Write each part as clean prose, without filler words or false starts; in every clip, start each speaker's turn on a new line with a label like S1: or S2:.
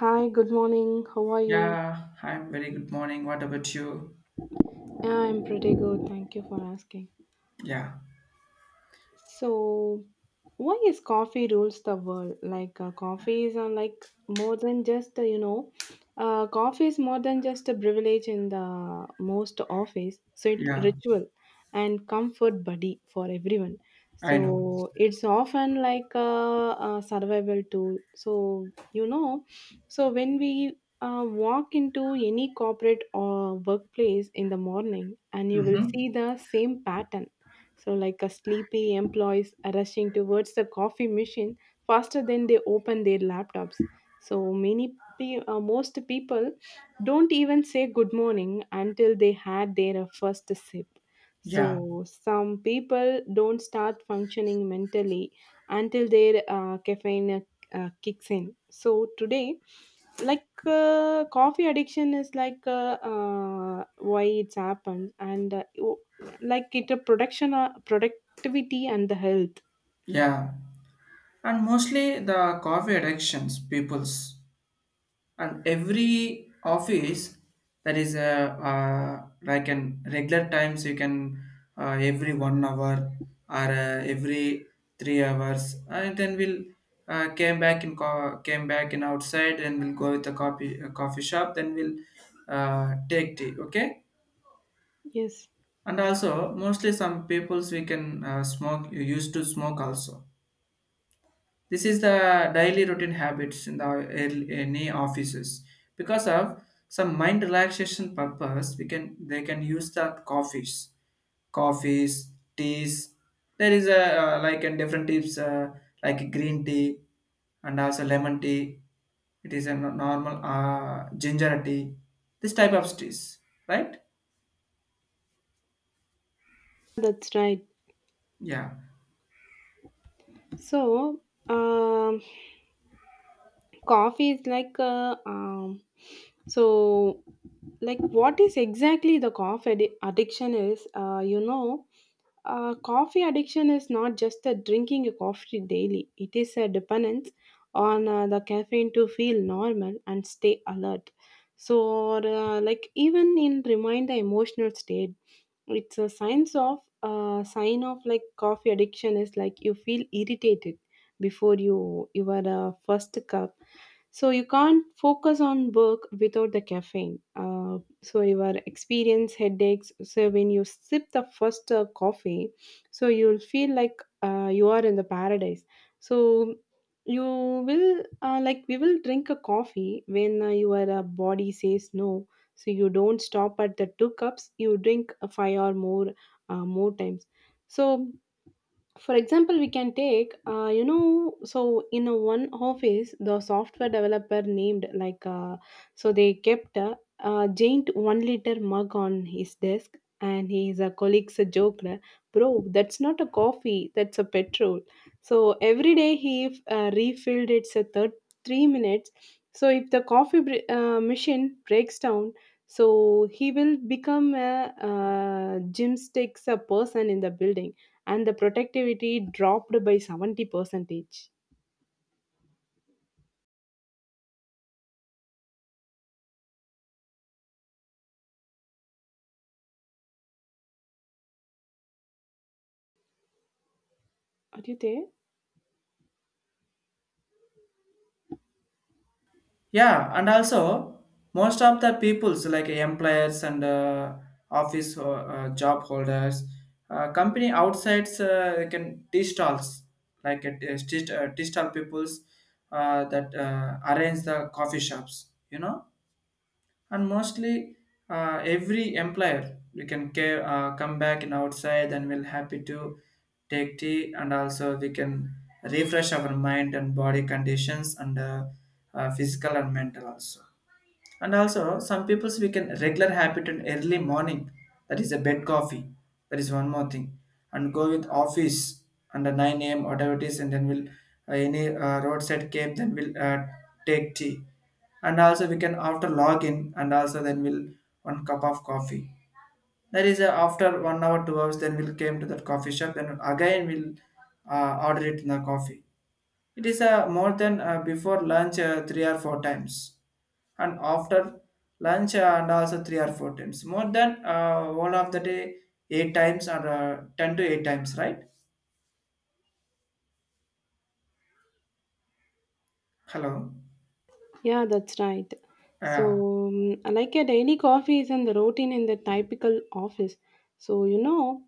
S1: Hi, good morning. How are you?
S2: Yeah, I'm very good morning. What about you?
S1: Yeah, I'm pretty good. Thank you for asking.
S2: Yeah,
S1: So, why is coffee rules the world coffee is like more than just coffee is more than just a privilege in the most office so it
S2: yeah,
S1: ritual and comfort buddy for everyone
S2: I know.
S1: so it's often like a survival tool so you know so when we walk into any corporate or workplace in the morning and you will see
S2: Mm-hmm.
S1: the same pattern like a sleepy employees rushing towards the coffee machine faster than they open their laptops. So, most people don't even say good morning until they had their first sip.
S2: Yeah,
S1: So, some people don't start functioning mentally until their caffeine kicks in. So, today coffee addiction is like why it's happened and like it a production productivity and the health.
S2: yeah. And mostly the coffee addictions, people's. And every office, that is a, like an regular times you can every 1 hour or every 3 hours. And then we'll came back in outside and we'll go with the coffee, coffee shop. Then we'll take tea, okay?
S1: Yes,
S2: And also mostly some peoples we can smoke used to smoke also. This is the daily routine habits in the any offices because of some mind relaxation purpose we can they can use the coffees teas. There is a like and different types like green tea and also lemon tea. It is a normal ginger tea. This type of teas, right?
S1: that's right.
S2: Yeah.
S1: So. Um, Coffee is like so what is exactly the addiction is coffee addiction is not just a drinking a coffee daily, it is a dependence on the caffeine to feel normal and stay alert so like even in remind the emotional state. It's a sign of like coffee addiction is like you feel irritated before you are a first cup so you can't focus on work without the caffeine, so you are experience headaches so when you sip the first coffee so you'll feel like you are in the paradise so you will like we will drink a coffee when your body says no so you don't stop at the two cups, you drink five or more more times. So for example we can take so in a one office the software developer named so they kept a giant 1 liter mug on his desk and his colleagues joked, bro that's not a coffee, that's a petrol. So every day he refilled it a third three minutes so if the coffee machine breaks down so he will become a, gymnastics a person in the building and the productivity dropped by 70 percentage. Are you there?
S2: Yeah, and also most of the peoples like employers and office job holders, company outsides they can distalls like distal peoples that arrange the coffee shops. You know, and mostly every employer we can come back in outside and we'll happy to take tea, and also we can refresh our mind and body conditions and physical and mental also. And also, some people's we can regular habit in early morning. That is a bed coffee. That is one more thing. And go with office under 9 a.m. whatever it is, and then we'll any roadside cave. Then we'll take tea. And also we can after login and also then we'll one cup of coffee. That is after 1 hour, 2 hours. Then we'll came to that coffee shop and again we'll order it in the coffee. It is more than before lunch 3 or 4 times, and after lunch and also 3 or 4 times. More than all of the day 8 times or 10 to 8 times, right? Hello.
S1: Yeah, that's right. So,
S2: Yeah.
S1: like a daily coffee is in the routine in the typical office. So, you know,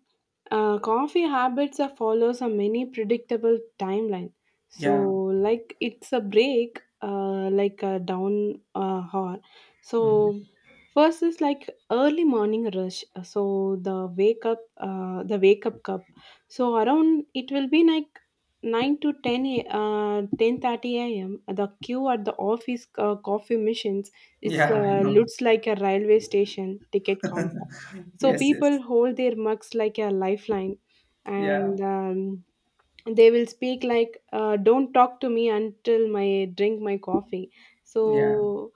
S1: coffee habits are follows a many predictable timeline. So,
S2: Yeah.
S1: like it's a break, like a down hour.
S2: Mhm.
S1: So, first is like early morning rush. So the wake up cup. So around it will be like 9 to 10:30 a.m. the queue at the office coffee machines is
S2: Yeah. I know.
S1: looks like a railway station ticket counter so
S2: Yes. Yes.
S1: people hold their mugs like a lifeline
S2: Yeah.
S1: and they will speak like don't talk to me until my drink my coffee
S2: Yeah.
S1: so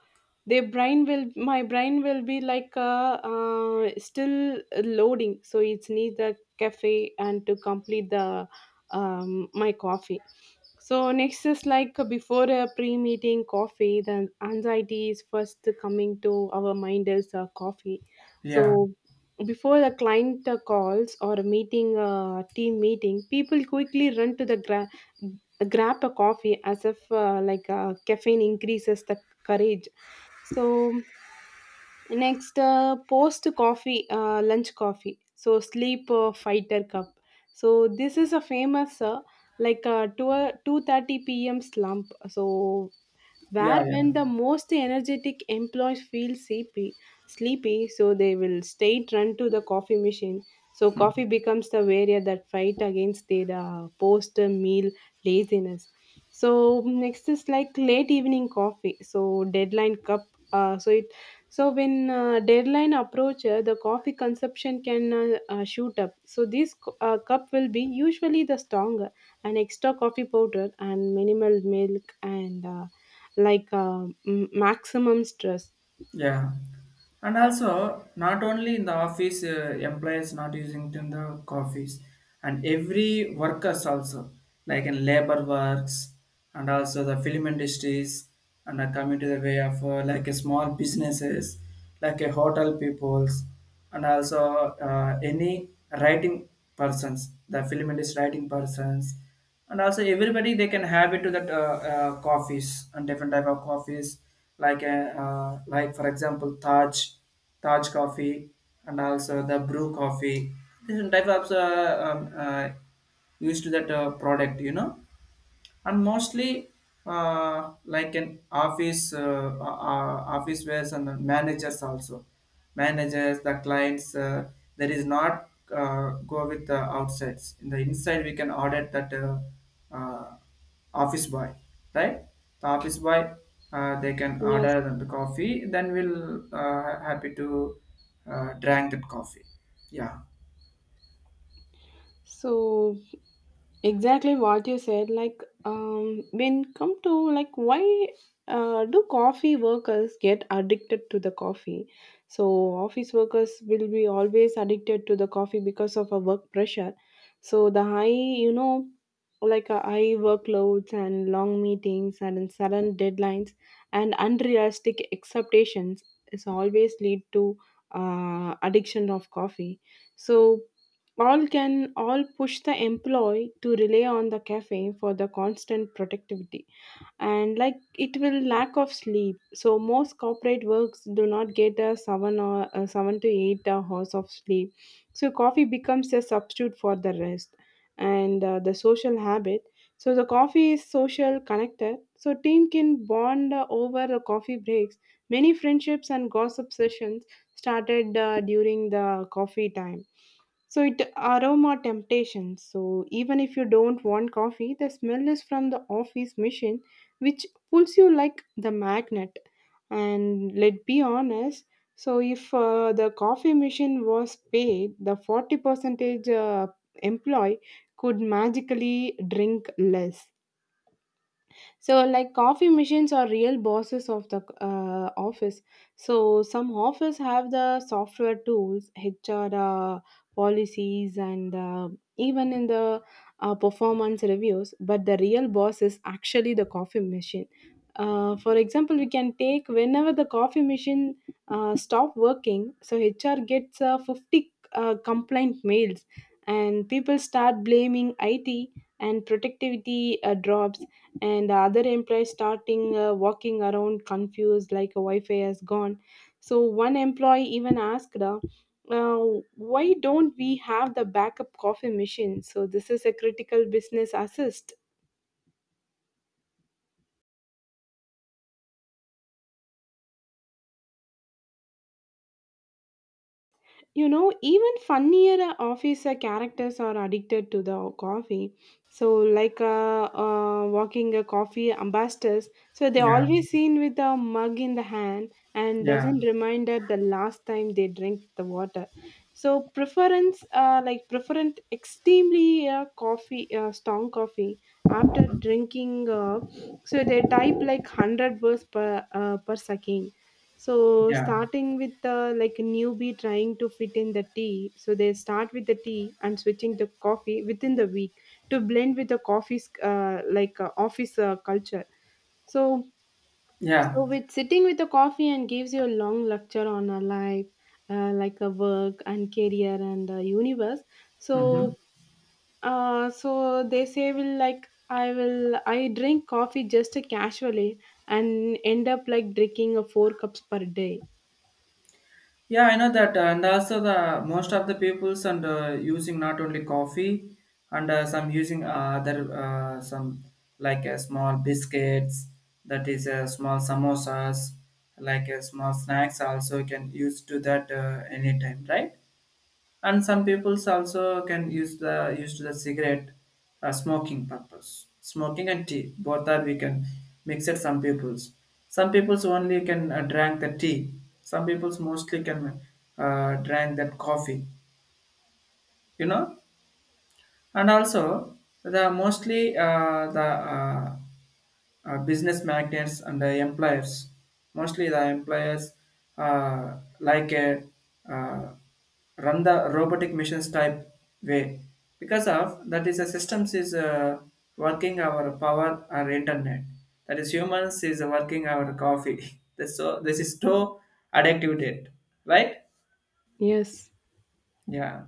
S1: their brain will my brain will be like still loading so it needs a cafe and to complete the my coffee so next is like before a pre-meeting coffee, the anxiety is first coming to our mind is coffee.
S2: Yeah.
S1: So before a client calls or a meeting team meeting, people quickly run to the grab a coffee as if caffeine increases the courage. So next post coffee lunch coffee so sleep fighter cup. So this is a famous like 2 2:30 p.m. slump so where
S2: Yeah. Yeah.
S1: when the most energetic employees feel sleepy, so they will straight run to the coffee machine. So
S2: Hmm.
S1: coffee becomes the barrier that fight against their post-meal laziness. So next is like late evening coffee. So deadline cup. Uh, so it so when deadline approach, the coffee consumption can shoot up. So this cup will be usually the stronger, an extra coffee powder and minimal milk and. Maximum stress.
S2: Yeah, and also not only in the office, employees not using it in the coffees, and every workers also like in labor works and also the film industries and are coming to the way of like a small businesses like a hotel peoples and also any writing persons the film industry writing persons and also everybody they can have into that coffees and different type of coffees like for example Taj coffee and also the brew coffee, different type of used to that product. And mostly like an office office wares and the managers also, managers the clients that is not go with the outsides. In the inside we can audit that uh, office boy, right? The office boy, they can
S1: Yes.
S2: order the coffee then we'll happy to drink that coffee. Yeah.
S1: So exactly what you said like when come to like why do coffee workers get addicted to the coffee. So office workers will be always addicted to the coffee because of a work pressure. So the high you know like high workloads and long meetings and sudden deadlines and unrealistic expectations is always lead to addiction of coffee. So all push the employee to rely on the caffeine for the constant productivity, and like it will lack of sleep so most corporate works do not get a 7 to 8 hours of sleep so coffee becomes a substitute for the rest. And the social habit, so the coffee is social connector so team can bond over the coffee breaks. Many friendships and gossip sessions started during the coffee time. So it aroma temptation. So even if you don't want coffee, the smell is from the office machine, which pulls you like the magnet. And let be honest. So if the coffee machine was paid, the 40 percentage employee could magically drink less. So, like coffee machines are real bosses of the office. So, some office have the software tools, HR policies, and even in the performance reviews. But the real boss is actually the coffee machine. For example, we can take whenever the coffee machine stop working, so HR gets 50 complaint mails, and people start blaming IT and productivity drops and the other employees starting walking around confused like a wi-fi has gone. So one employee even asked, uh, why don't we have the backup coffee machine, so this is a critical business assist. You know, even funnier officer characters are addicted to the coffee. So like walking a coffee ambassadors, so they
S2: Yeah.
S1: always seen with a mug in the hand and
S2: Yeah.
S1: doesn't reminder the last time they drink the water. So preference preferent extremely coffee strong coffee. After drinking so they type like 100 words per second. So
S2: Yeah.
S1: starting with the like newbie trying to fit in the tea, so they start with the tea and switching the coffee within the week to blend with the coffee's office culture. So
S2: Yeah.
S1: so with sitting with the coffee and gives you a long lecture on a life, like a work and career and universe.
S2: Mm-hmm.
S1: So they say will like I drink coffee just casually and end up like drinking a four cups per day.
S2: Yeah, I know that, and also the most of the peoples and using not only coffee, and some using other some like small biscuits, that is small samosas, like small snacks also can use to that anytime, right? And some peoples also can use the use to the cigarette, smoking purpose smoking and tea both are we can mix it. Some peoples, some peoples only can drink the tea. Some peoples mostly can drink that coffee you know and also the mostly the business magnates and the employers. Mostly the employers like a uh, run the robotic missions type way. Because of that is the systems is working our power or internet. That is humans is working our coffee. This is so addictive date, right?
S1: Yes.
S2: Yeah.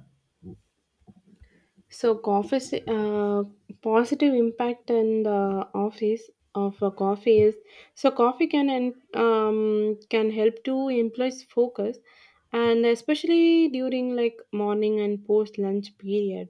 S1: So, positive impact in the office of a coffee is so coffee can can help to employees focus, and especially during like morning and post lunch period,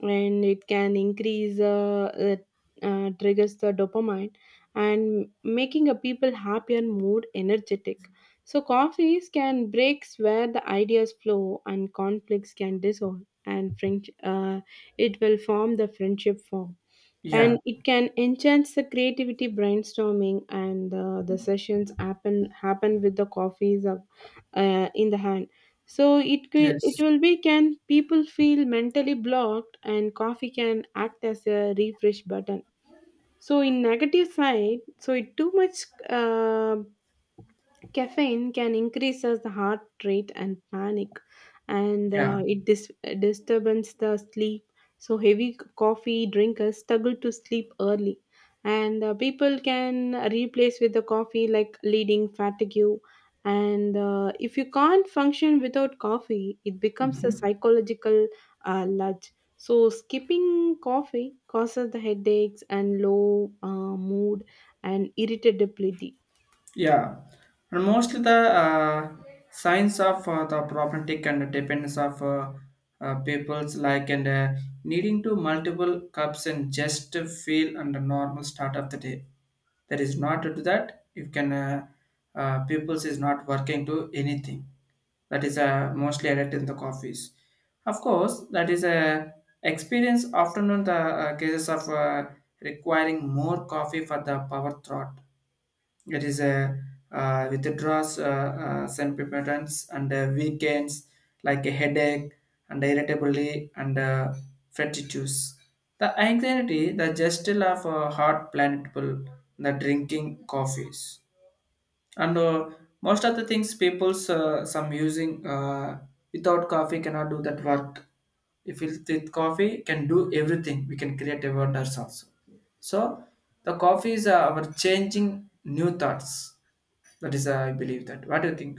S1: and it can triggers the dopamine and making a people happy and more energetic. So, coffees can breaks where the ideas flow and conflicts can dissolve and friendship. It will form the friendship form
S2: Yeah.
S1: and it can enhance the creativity brainstorming and the sessions happen with the coffees of, in the hand. So it it
S2: Yes.
S1: will be can people feel mentally blocked and coffee can act as a refresh button. So in negative side, so it too much caffeine can increase as the heart rate and panic, and
S2: Yeah.
S1: disturbs the sleep. So heavy coffee drinkers struggle to sleep early, and people can replace with the coffee like leading fatigue. And if you can't function without coffee, it becomes a psychological uh, so, skipping coffee causes the headaches and low mood and irritability.
S2: Yeah, and mostly the signs of the problematic and dependence of people's like and needing to multiple cups and just to feel under normal start of the day. That is not to do that. You can people's is not working to anything. That is mostly added in the coffees. Of course, that is a experience. Often on the cases of requiring more coffee for the power thought. It is a withdraws symptoms and weekends like a headache and irritability and fatigues. The anxiety, the gesture of a heart planetable, the drinking coffees and most of the things people's some using without coffee cannot do that work. If we with coffee can do everything, we can create a wonders also. So the coffee is our changing new thoughts. That is I believe that. What do you think?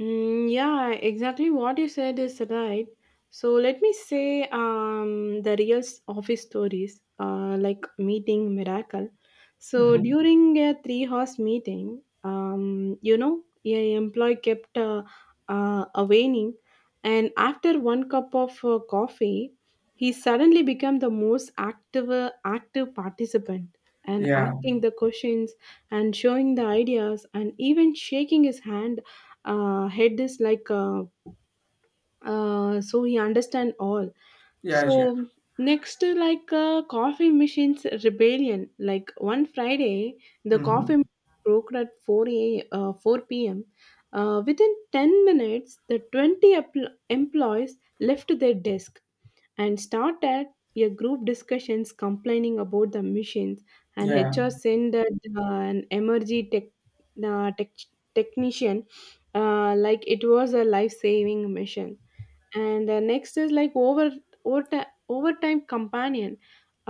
S1: Mm, yeah, exactly what you said is right. So let me say the real office stories, like meeting miracle. So during a three-horse meeting, a employee kept waning, and after one cup of coffee, he suddenly became the most active participant and
S2: Yeah.
S1: asking the questions and showing the ideas and even shaking his hand head is so he understand all.
S2: Yeah. Yeah.
S1: So next like coffee machines rebellion like one Friday. The
S2: Mm-hmm.
S1: coffee machine broke at 4 a 4 p.m. Within 10 minutes the 20 employees left their desk and start at a group discussions complaining about the machines, and
S2: Yeah.
S1: HR send that, an emergency uh, tech, technician, like it was a life-saving mission. And next is like overtime companion.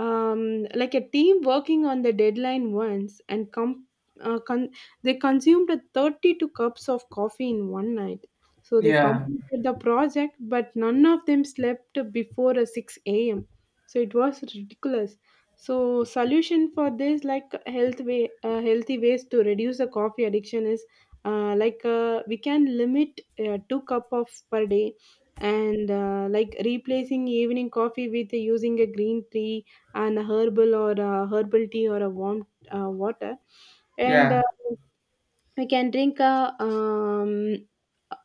S1: Like a team working on the deadline once, uh, con- they consumed a 32 cups of coffee in one night. So they
S2: Yeah.
S1: completed the project, but none of them slept before a 6 a.m. So it was ridiculous. So solution for this like healthy ways to reduce the coffee addiction is like we can limit two cup of per day, and like replacing evening coffee with using a green tea and a herbal or a herbal tea or a warm water. And
S2: Yeah.
S1: we can drink a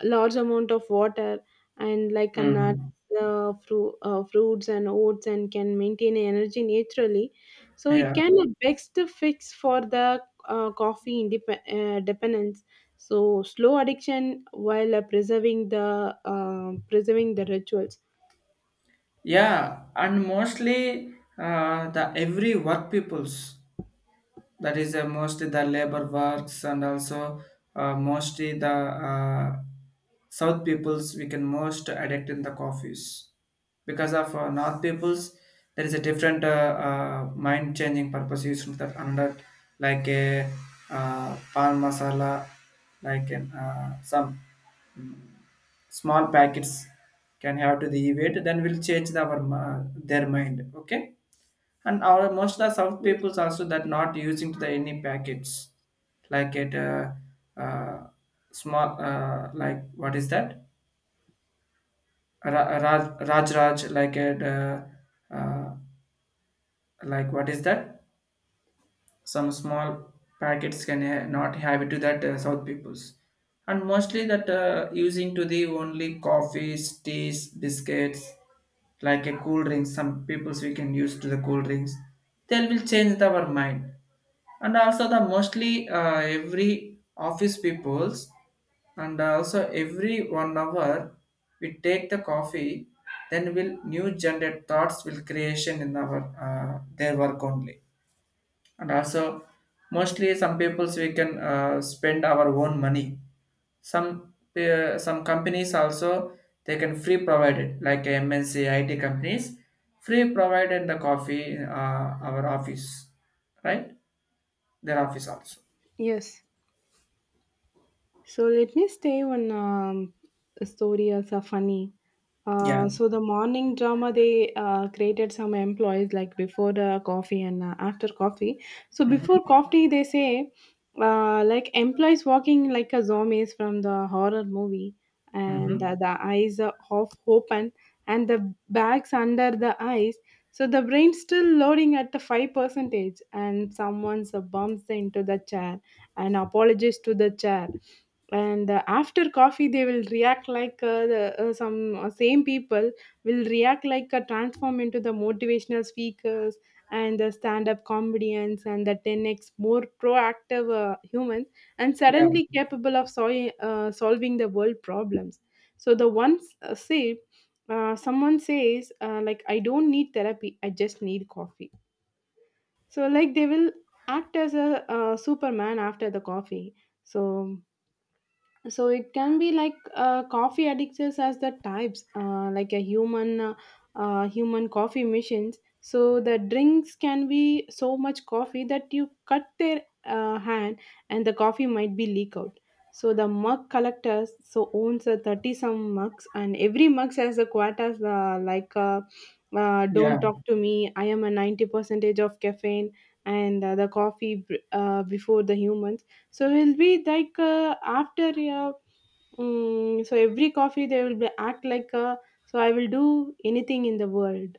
S1: large amount of water, and like a nuts,
S2: Mm-hmm.
S1: fruits and oats, and can maintain energy naturally. So it
S2: Yeah.
S1: can be best fix for the coffee dependence. So slow addiction while preserving the rituals.
S2: Yeah. And mostly the every work peoples, that is mostly the labor works and also mostly the uh, south peoples we can most addict in the coffees because of north peoples. There is a different mind changing purpose used for that under like a pan masala, like an, some small packets can have to the event. Then we'll change the, our their mind, okay? And our most of the south
S1: Yes.
S2: peoples also that not using the any packets, like at uh, small like what is that, Raj like at uh, like what is that, some small not have it to that south peoples. And mostly that using to the only coffees teas biscuits, like a cool drink. Some peoples we can use to the cool drinks. They will change our mind. And also the mostly every office peoples, and also every 1 hour we take the coffee, then will new generated thoughts will creation in our their work only. And also mostly some peoples we can spend our own money. Some companies also they can free provided like mnc it companies, free provided the coffee in our office, right? Their office also.
S1: Yes. So let me stay on stories are funny.
S2: Yeah.
S1: So the morning drama they created some employees like before the coffee and after coffee. So before coffee they say like employees walking like a zombies from the horror movie, and
S2: Mm-hmm.
S1: the eyes are half open and the bags under the eyes. So the brain still loading at the five percentage, and someone bumps into the chair and apologizes to the chair. And after coffee they will react like the, some same people will react like transform into the motivational speakers and the stand-up comedians and the 10x more proactive humans, and
S2: Yeah.
S1: suddenly capable of solving the world problems. So the ones say someone says like I don't need therapy, I just need coffee. So like they will act as a superman after the coffee. So it can be like coffee addicts as the types, like a human coffee machines. So the drinks can be so much coffee that you cut their hand and the coffee might be leak out. So the mug collectors so owns a 30 some mugs and every mug has a quotas,
S2: Yeah.
S1: don't talk to me, I am a 90 percentage of caffeine. And the coffee before the humans. So it'll be like after mm so every coffee they will be act like so I will do anything in the world.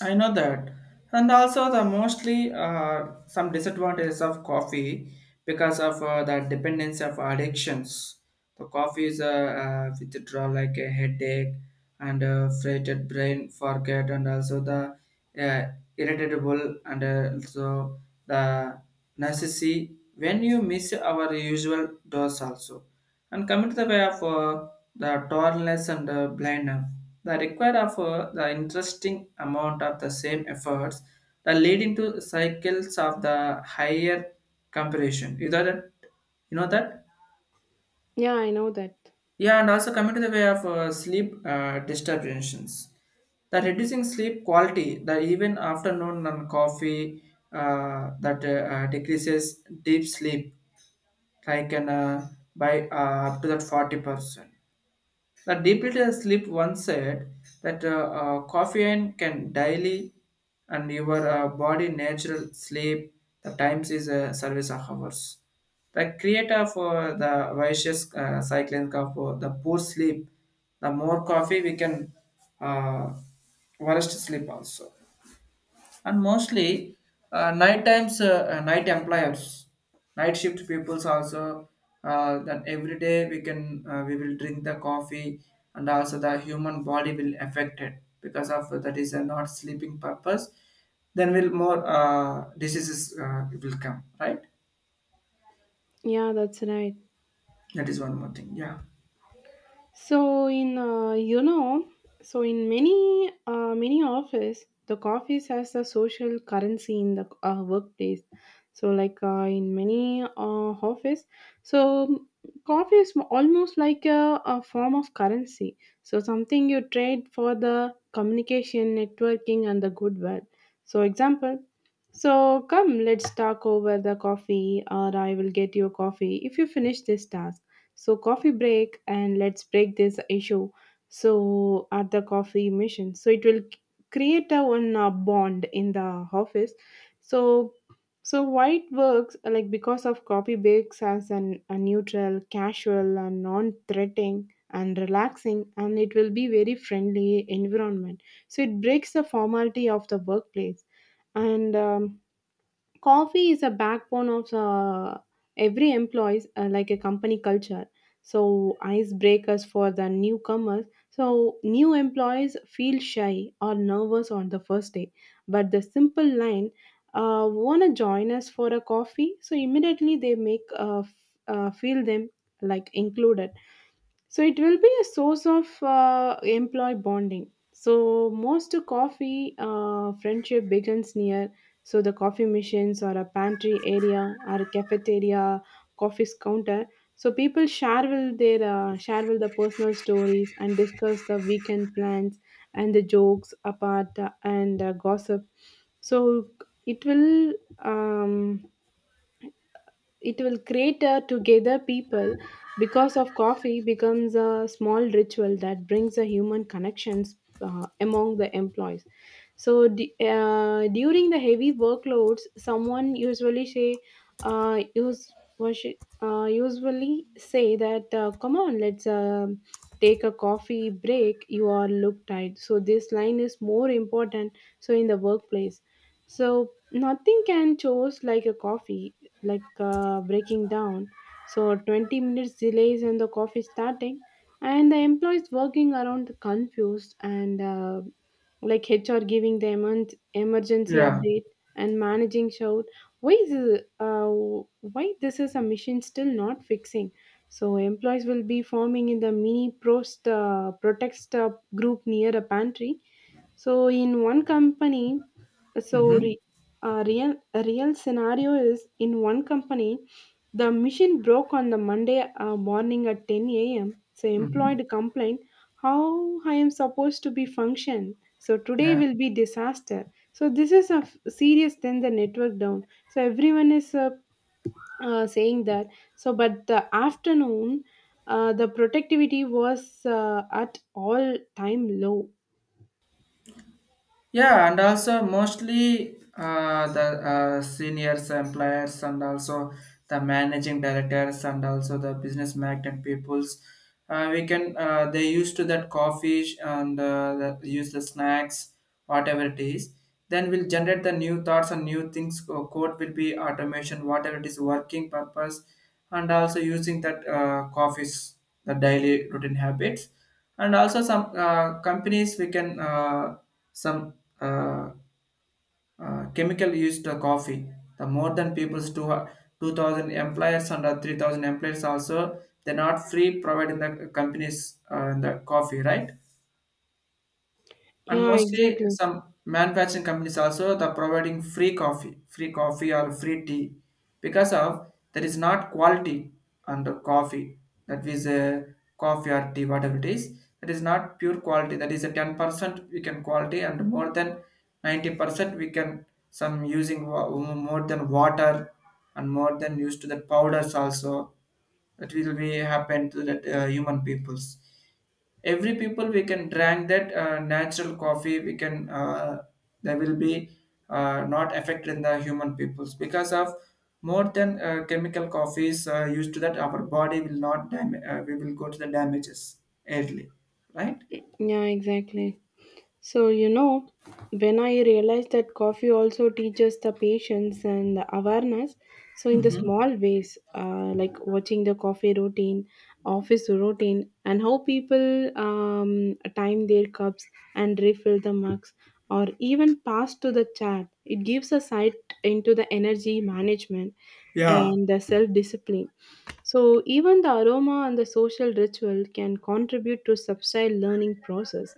S2: I know that. And also the mostly some disadvantages of coffee because of the dependence of addictions. The coffee is a, withdrawal like a headache and a freighted brain forget and also the uh, irritable and also the necessity when you miss our usual dose also. And coming to the way of the tallness and the blindness, the require of the interesting amount of the same efforts, the leading to cycles of the higher comparison. You know that? You know that?
S1: Yeah, I know that.
S2: Yeah, and also coming to the way of sleep disturbances, the reducing sleep quality, the even afternoon and coffee that decreases deep sleep, like an, by up to that 40%. The deeply sleep once said that caffeine can daily and your body natural sleep. The times is a service of hours. The creator for the vicious cycling of the poor sleep, the more coffee we can uh, worst sleep also. And mostly night times night employers, night shift peoples also, that every day we can we will drink the coffee, and also the human body will affected because of that is a not sleeping purpose. Then will more diseases will come, right?
S1: Yeah, that's right.
S2: That is one more thing. Yeah.
S1: So in uh, you know, so in many many office, the coffee has a social currency in the workplace. So like in many office, so coffee is almost like a form of currency. So something you trade for the communication, networking, and the goodwill. So example. So come, let's talk over the coffee, or I will get you a coffee if you finish this task, so, coffee break, and let's break this issue. So, at the coffee mission, so it will create a one bond in the office. So, so why it works, like because of coffee breaks as an a neutral, casual, and non-threatening and relaxing, and it will be very friendly environment. So it breaks the formality of the workplace and coffee is a backbone of every employees like a company culture. So icebreakers for the newcomers, so new employees feel shy or nervous on the first day, but the simple line, want to join us for a coffee, so immediately they make feel them like included. So it will be a source of employee bonding. So most coffee friendship begins near. So the coffee machines or a pantry area or a cafeteria, coffee's counter. So people share will the personal stories and discuss the weekend plans and the jokes apart, and gossip. So it will um, it will create a together people because of coffee becomes a small ritual that brings a human connections among the employees. So during the heavy workloads, someone uh, use was usually say that, come on, let's take a coffee break. You are look tired. So this line is more important. So in the workplace, so nothing can choose like a coffee, like breaking down. So 20 minutes delays in the coffee starting, and the employees working around confused, and like HR giving the emergency
S2: Yeah.
S1: update and managing shout, why is this, why this is a mission still not fixing. So employees will be forming in the mini prost protest group near a pantry. So in one company, so
S2: Mm-hmm.
S1: re, a real scenario is in one company, the machine broke on the Monday morning at 10 a.m. So
S2: Mm-hmm.
S1: employed complained how I am supposed to be function. So today
S2: Yeah.
S1: will be disaster. So this is a serious, then the network down. So everyone is saying that. So but the afternoon, the productivity was at all time low.
S2: Yeah, and also mostly the seniors employers and also the managing directors and also the business magnet peoples. We can They used to that and use the snacks, whatever it is. Then we'll generate the new thoughts and new things. Code will be automation, whatever it is, working purpose, and also using that coffee's the daily routine habits. And also some companies we can some uh, chemical used coffee, the more than people's 2000 employers and 3000 employers also, they're not free providing the companies the coffee, right? And
S1: Yeah,
S2: mostly
S1: exactly.
S2: some manufacturing companies also the providing free coffee or free tea, because of there is not quality on the coffee. That is a coffee or tea, whatever it is, that is not pure quality. That is a 10% we can quality and more than 90% we can more than water, and more than used to the powders also. That will be happen to the human peoples. Every people we can drink that natural coffee. We can they will be not affected in the human peoples because of more than chemical coffees used to that our body will not dam- we will go to the damages early, right?
S1: Yeah, exactly. So, when I realized that coffee also teaches the patience and the awareness, so in the small ways, like watching the coffee routine, office routine, and how people time their cups and refill the mugs, or even pass to the chat, it gives a sight into the energy management
S2: Yeah.
S1: and the self discipline. So, even the aroma and the social ritual can contribute to subtle learning process.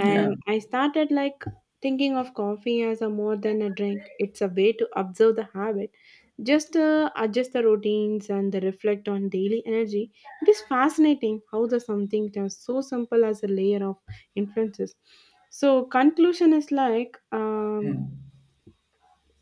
S2: Yeah.
S1: I started like thinking of coffee as a more than a drink. It's a way to observe the habit, just adjust the routines and the reflect on daily energy. It is fascinating how the something is so simple as a layer of influences. So
S2: Mm.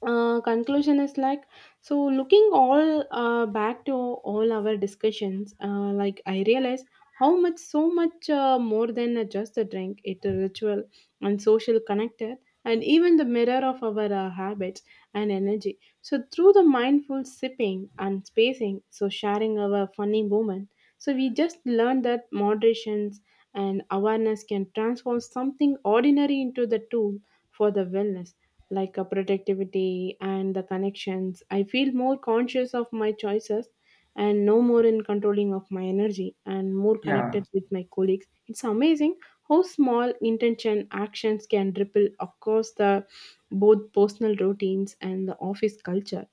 S1: conclusion is like, so looking all back to all our discussions, like I realize how much so much more than just a drink it a ritual and social connector, and even the mirror of our habits and energy. So through the mindful sipping and spacing, so sharing our funny moment, so we just learned that moderations and awareness can transform something ordinary into the tool for the wellness, like a productivity and the connections. I feel more conscious of my choices and no more in controlling of my energy and more
S2: Yeah.
S1: connected with my colleagues. It's amazing how small intention actions can ripple across the both personal routines and the office culture.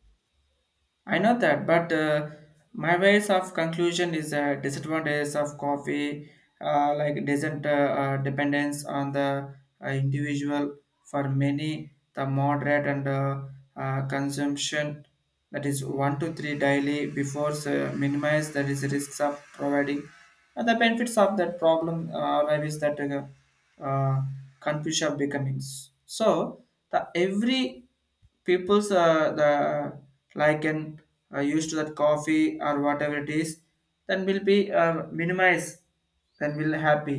S2: I know that, but my ways of conclusion is a disadvantages of coffee, like doesn't dependence on the individual. For many, the moderate and consumption, that is one to three daily before minimize that is risks of providing. And the benefits of that problem arrive is that confusion of becomings. So the every people's the like and used to that coffee or whatever it is, then will be minimize, then will happy,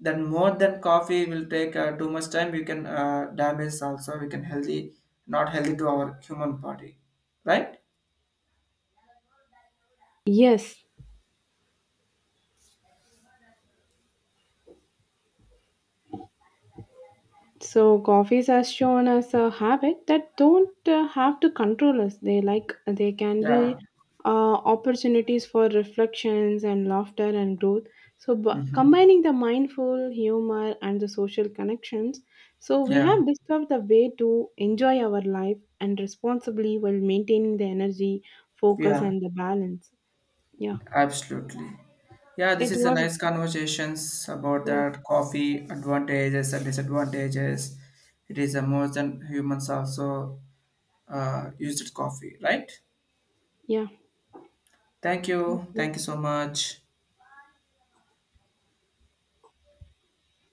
S2: then more than coffee will take too much time we can damage also, we can healthy not healthy to our human body, right?
S1: Yes. So coffees are shown as a habit that don't have to control us. They can
S2: Yeah.
S1: be opportunities for reflections and laughter and growth. So bu
S2: Hmm.
S1: combining the mindful humor and the social connections, so we
S2: Yeah.
S1: have discovered the way to enjoy our life and responsibly while maintaining the energy, focus,
S2: Yeah.
S1: and the balance. Yeah,
S2: Absolutely. Yeah, this
S1: it
S2: is a
S1: was.
S2: nice conversations about
S1: Yeah,
S2: that coffee advantages and disadvantages. It is a more than humans also used coffee, right?
S1: yeah.
S2: Thank
S1: Thank
S2: you. Thank
S1: you.
S2: you so much.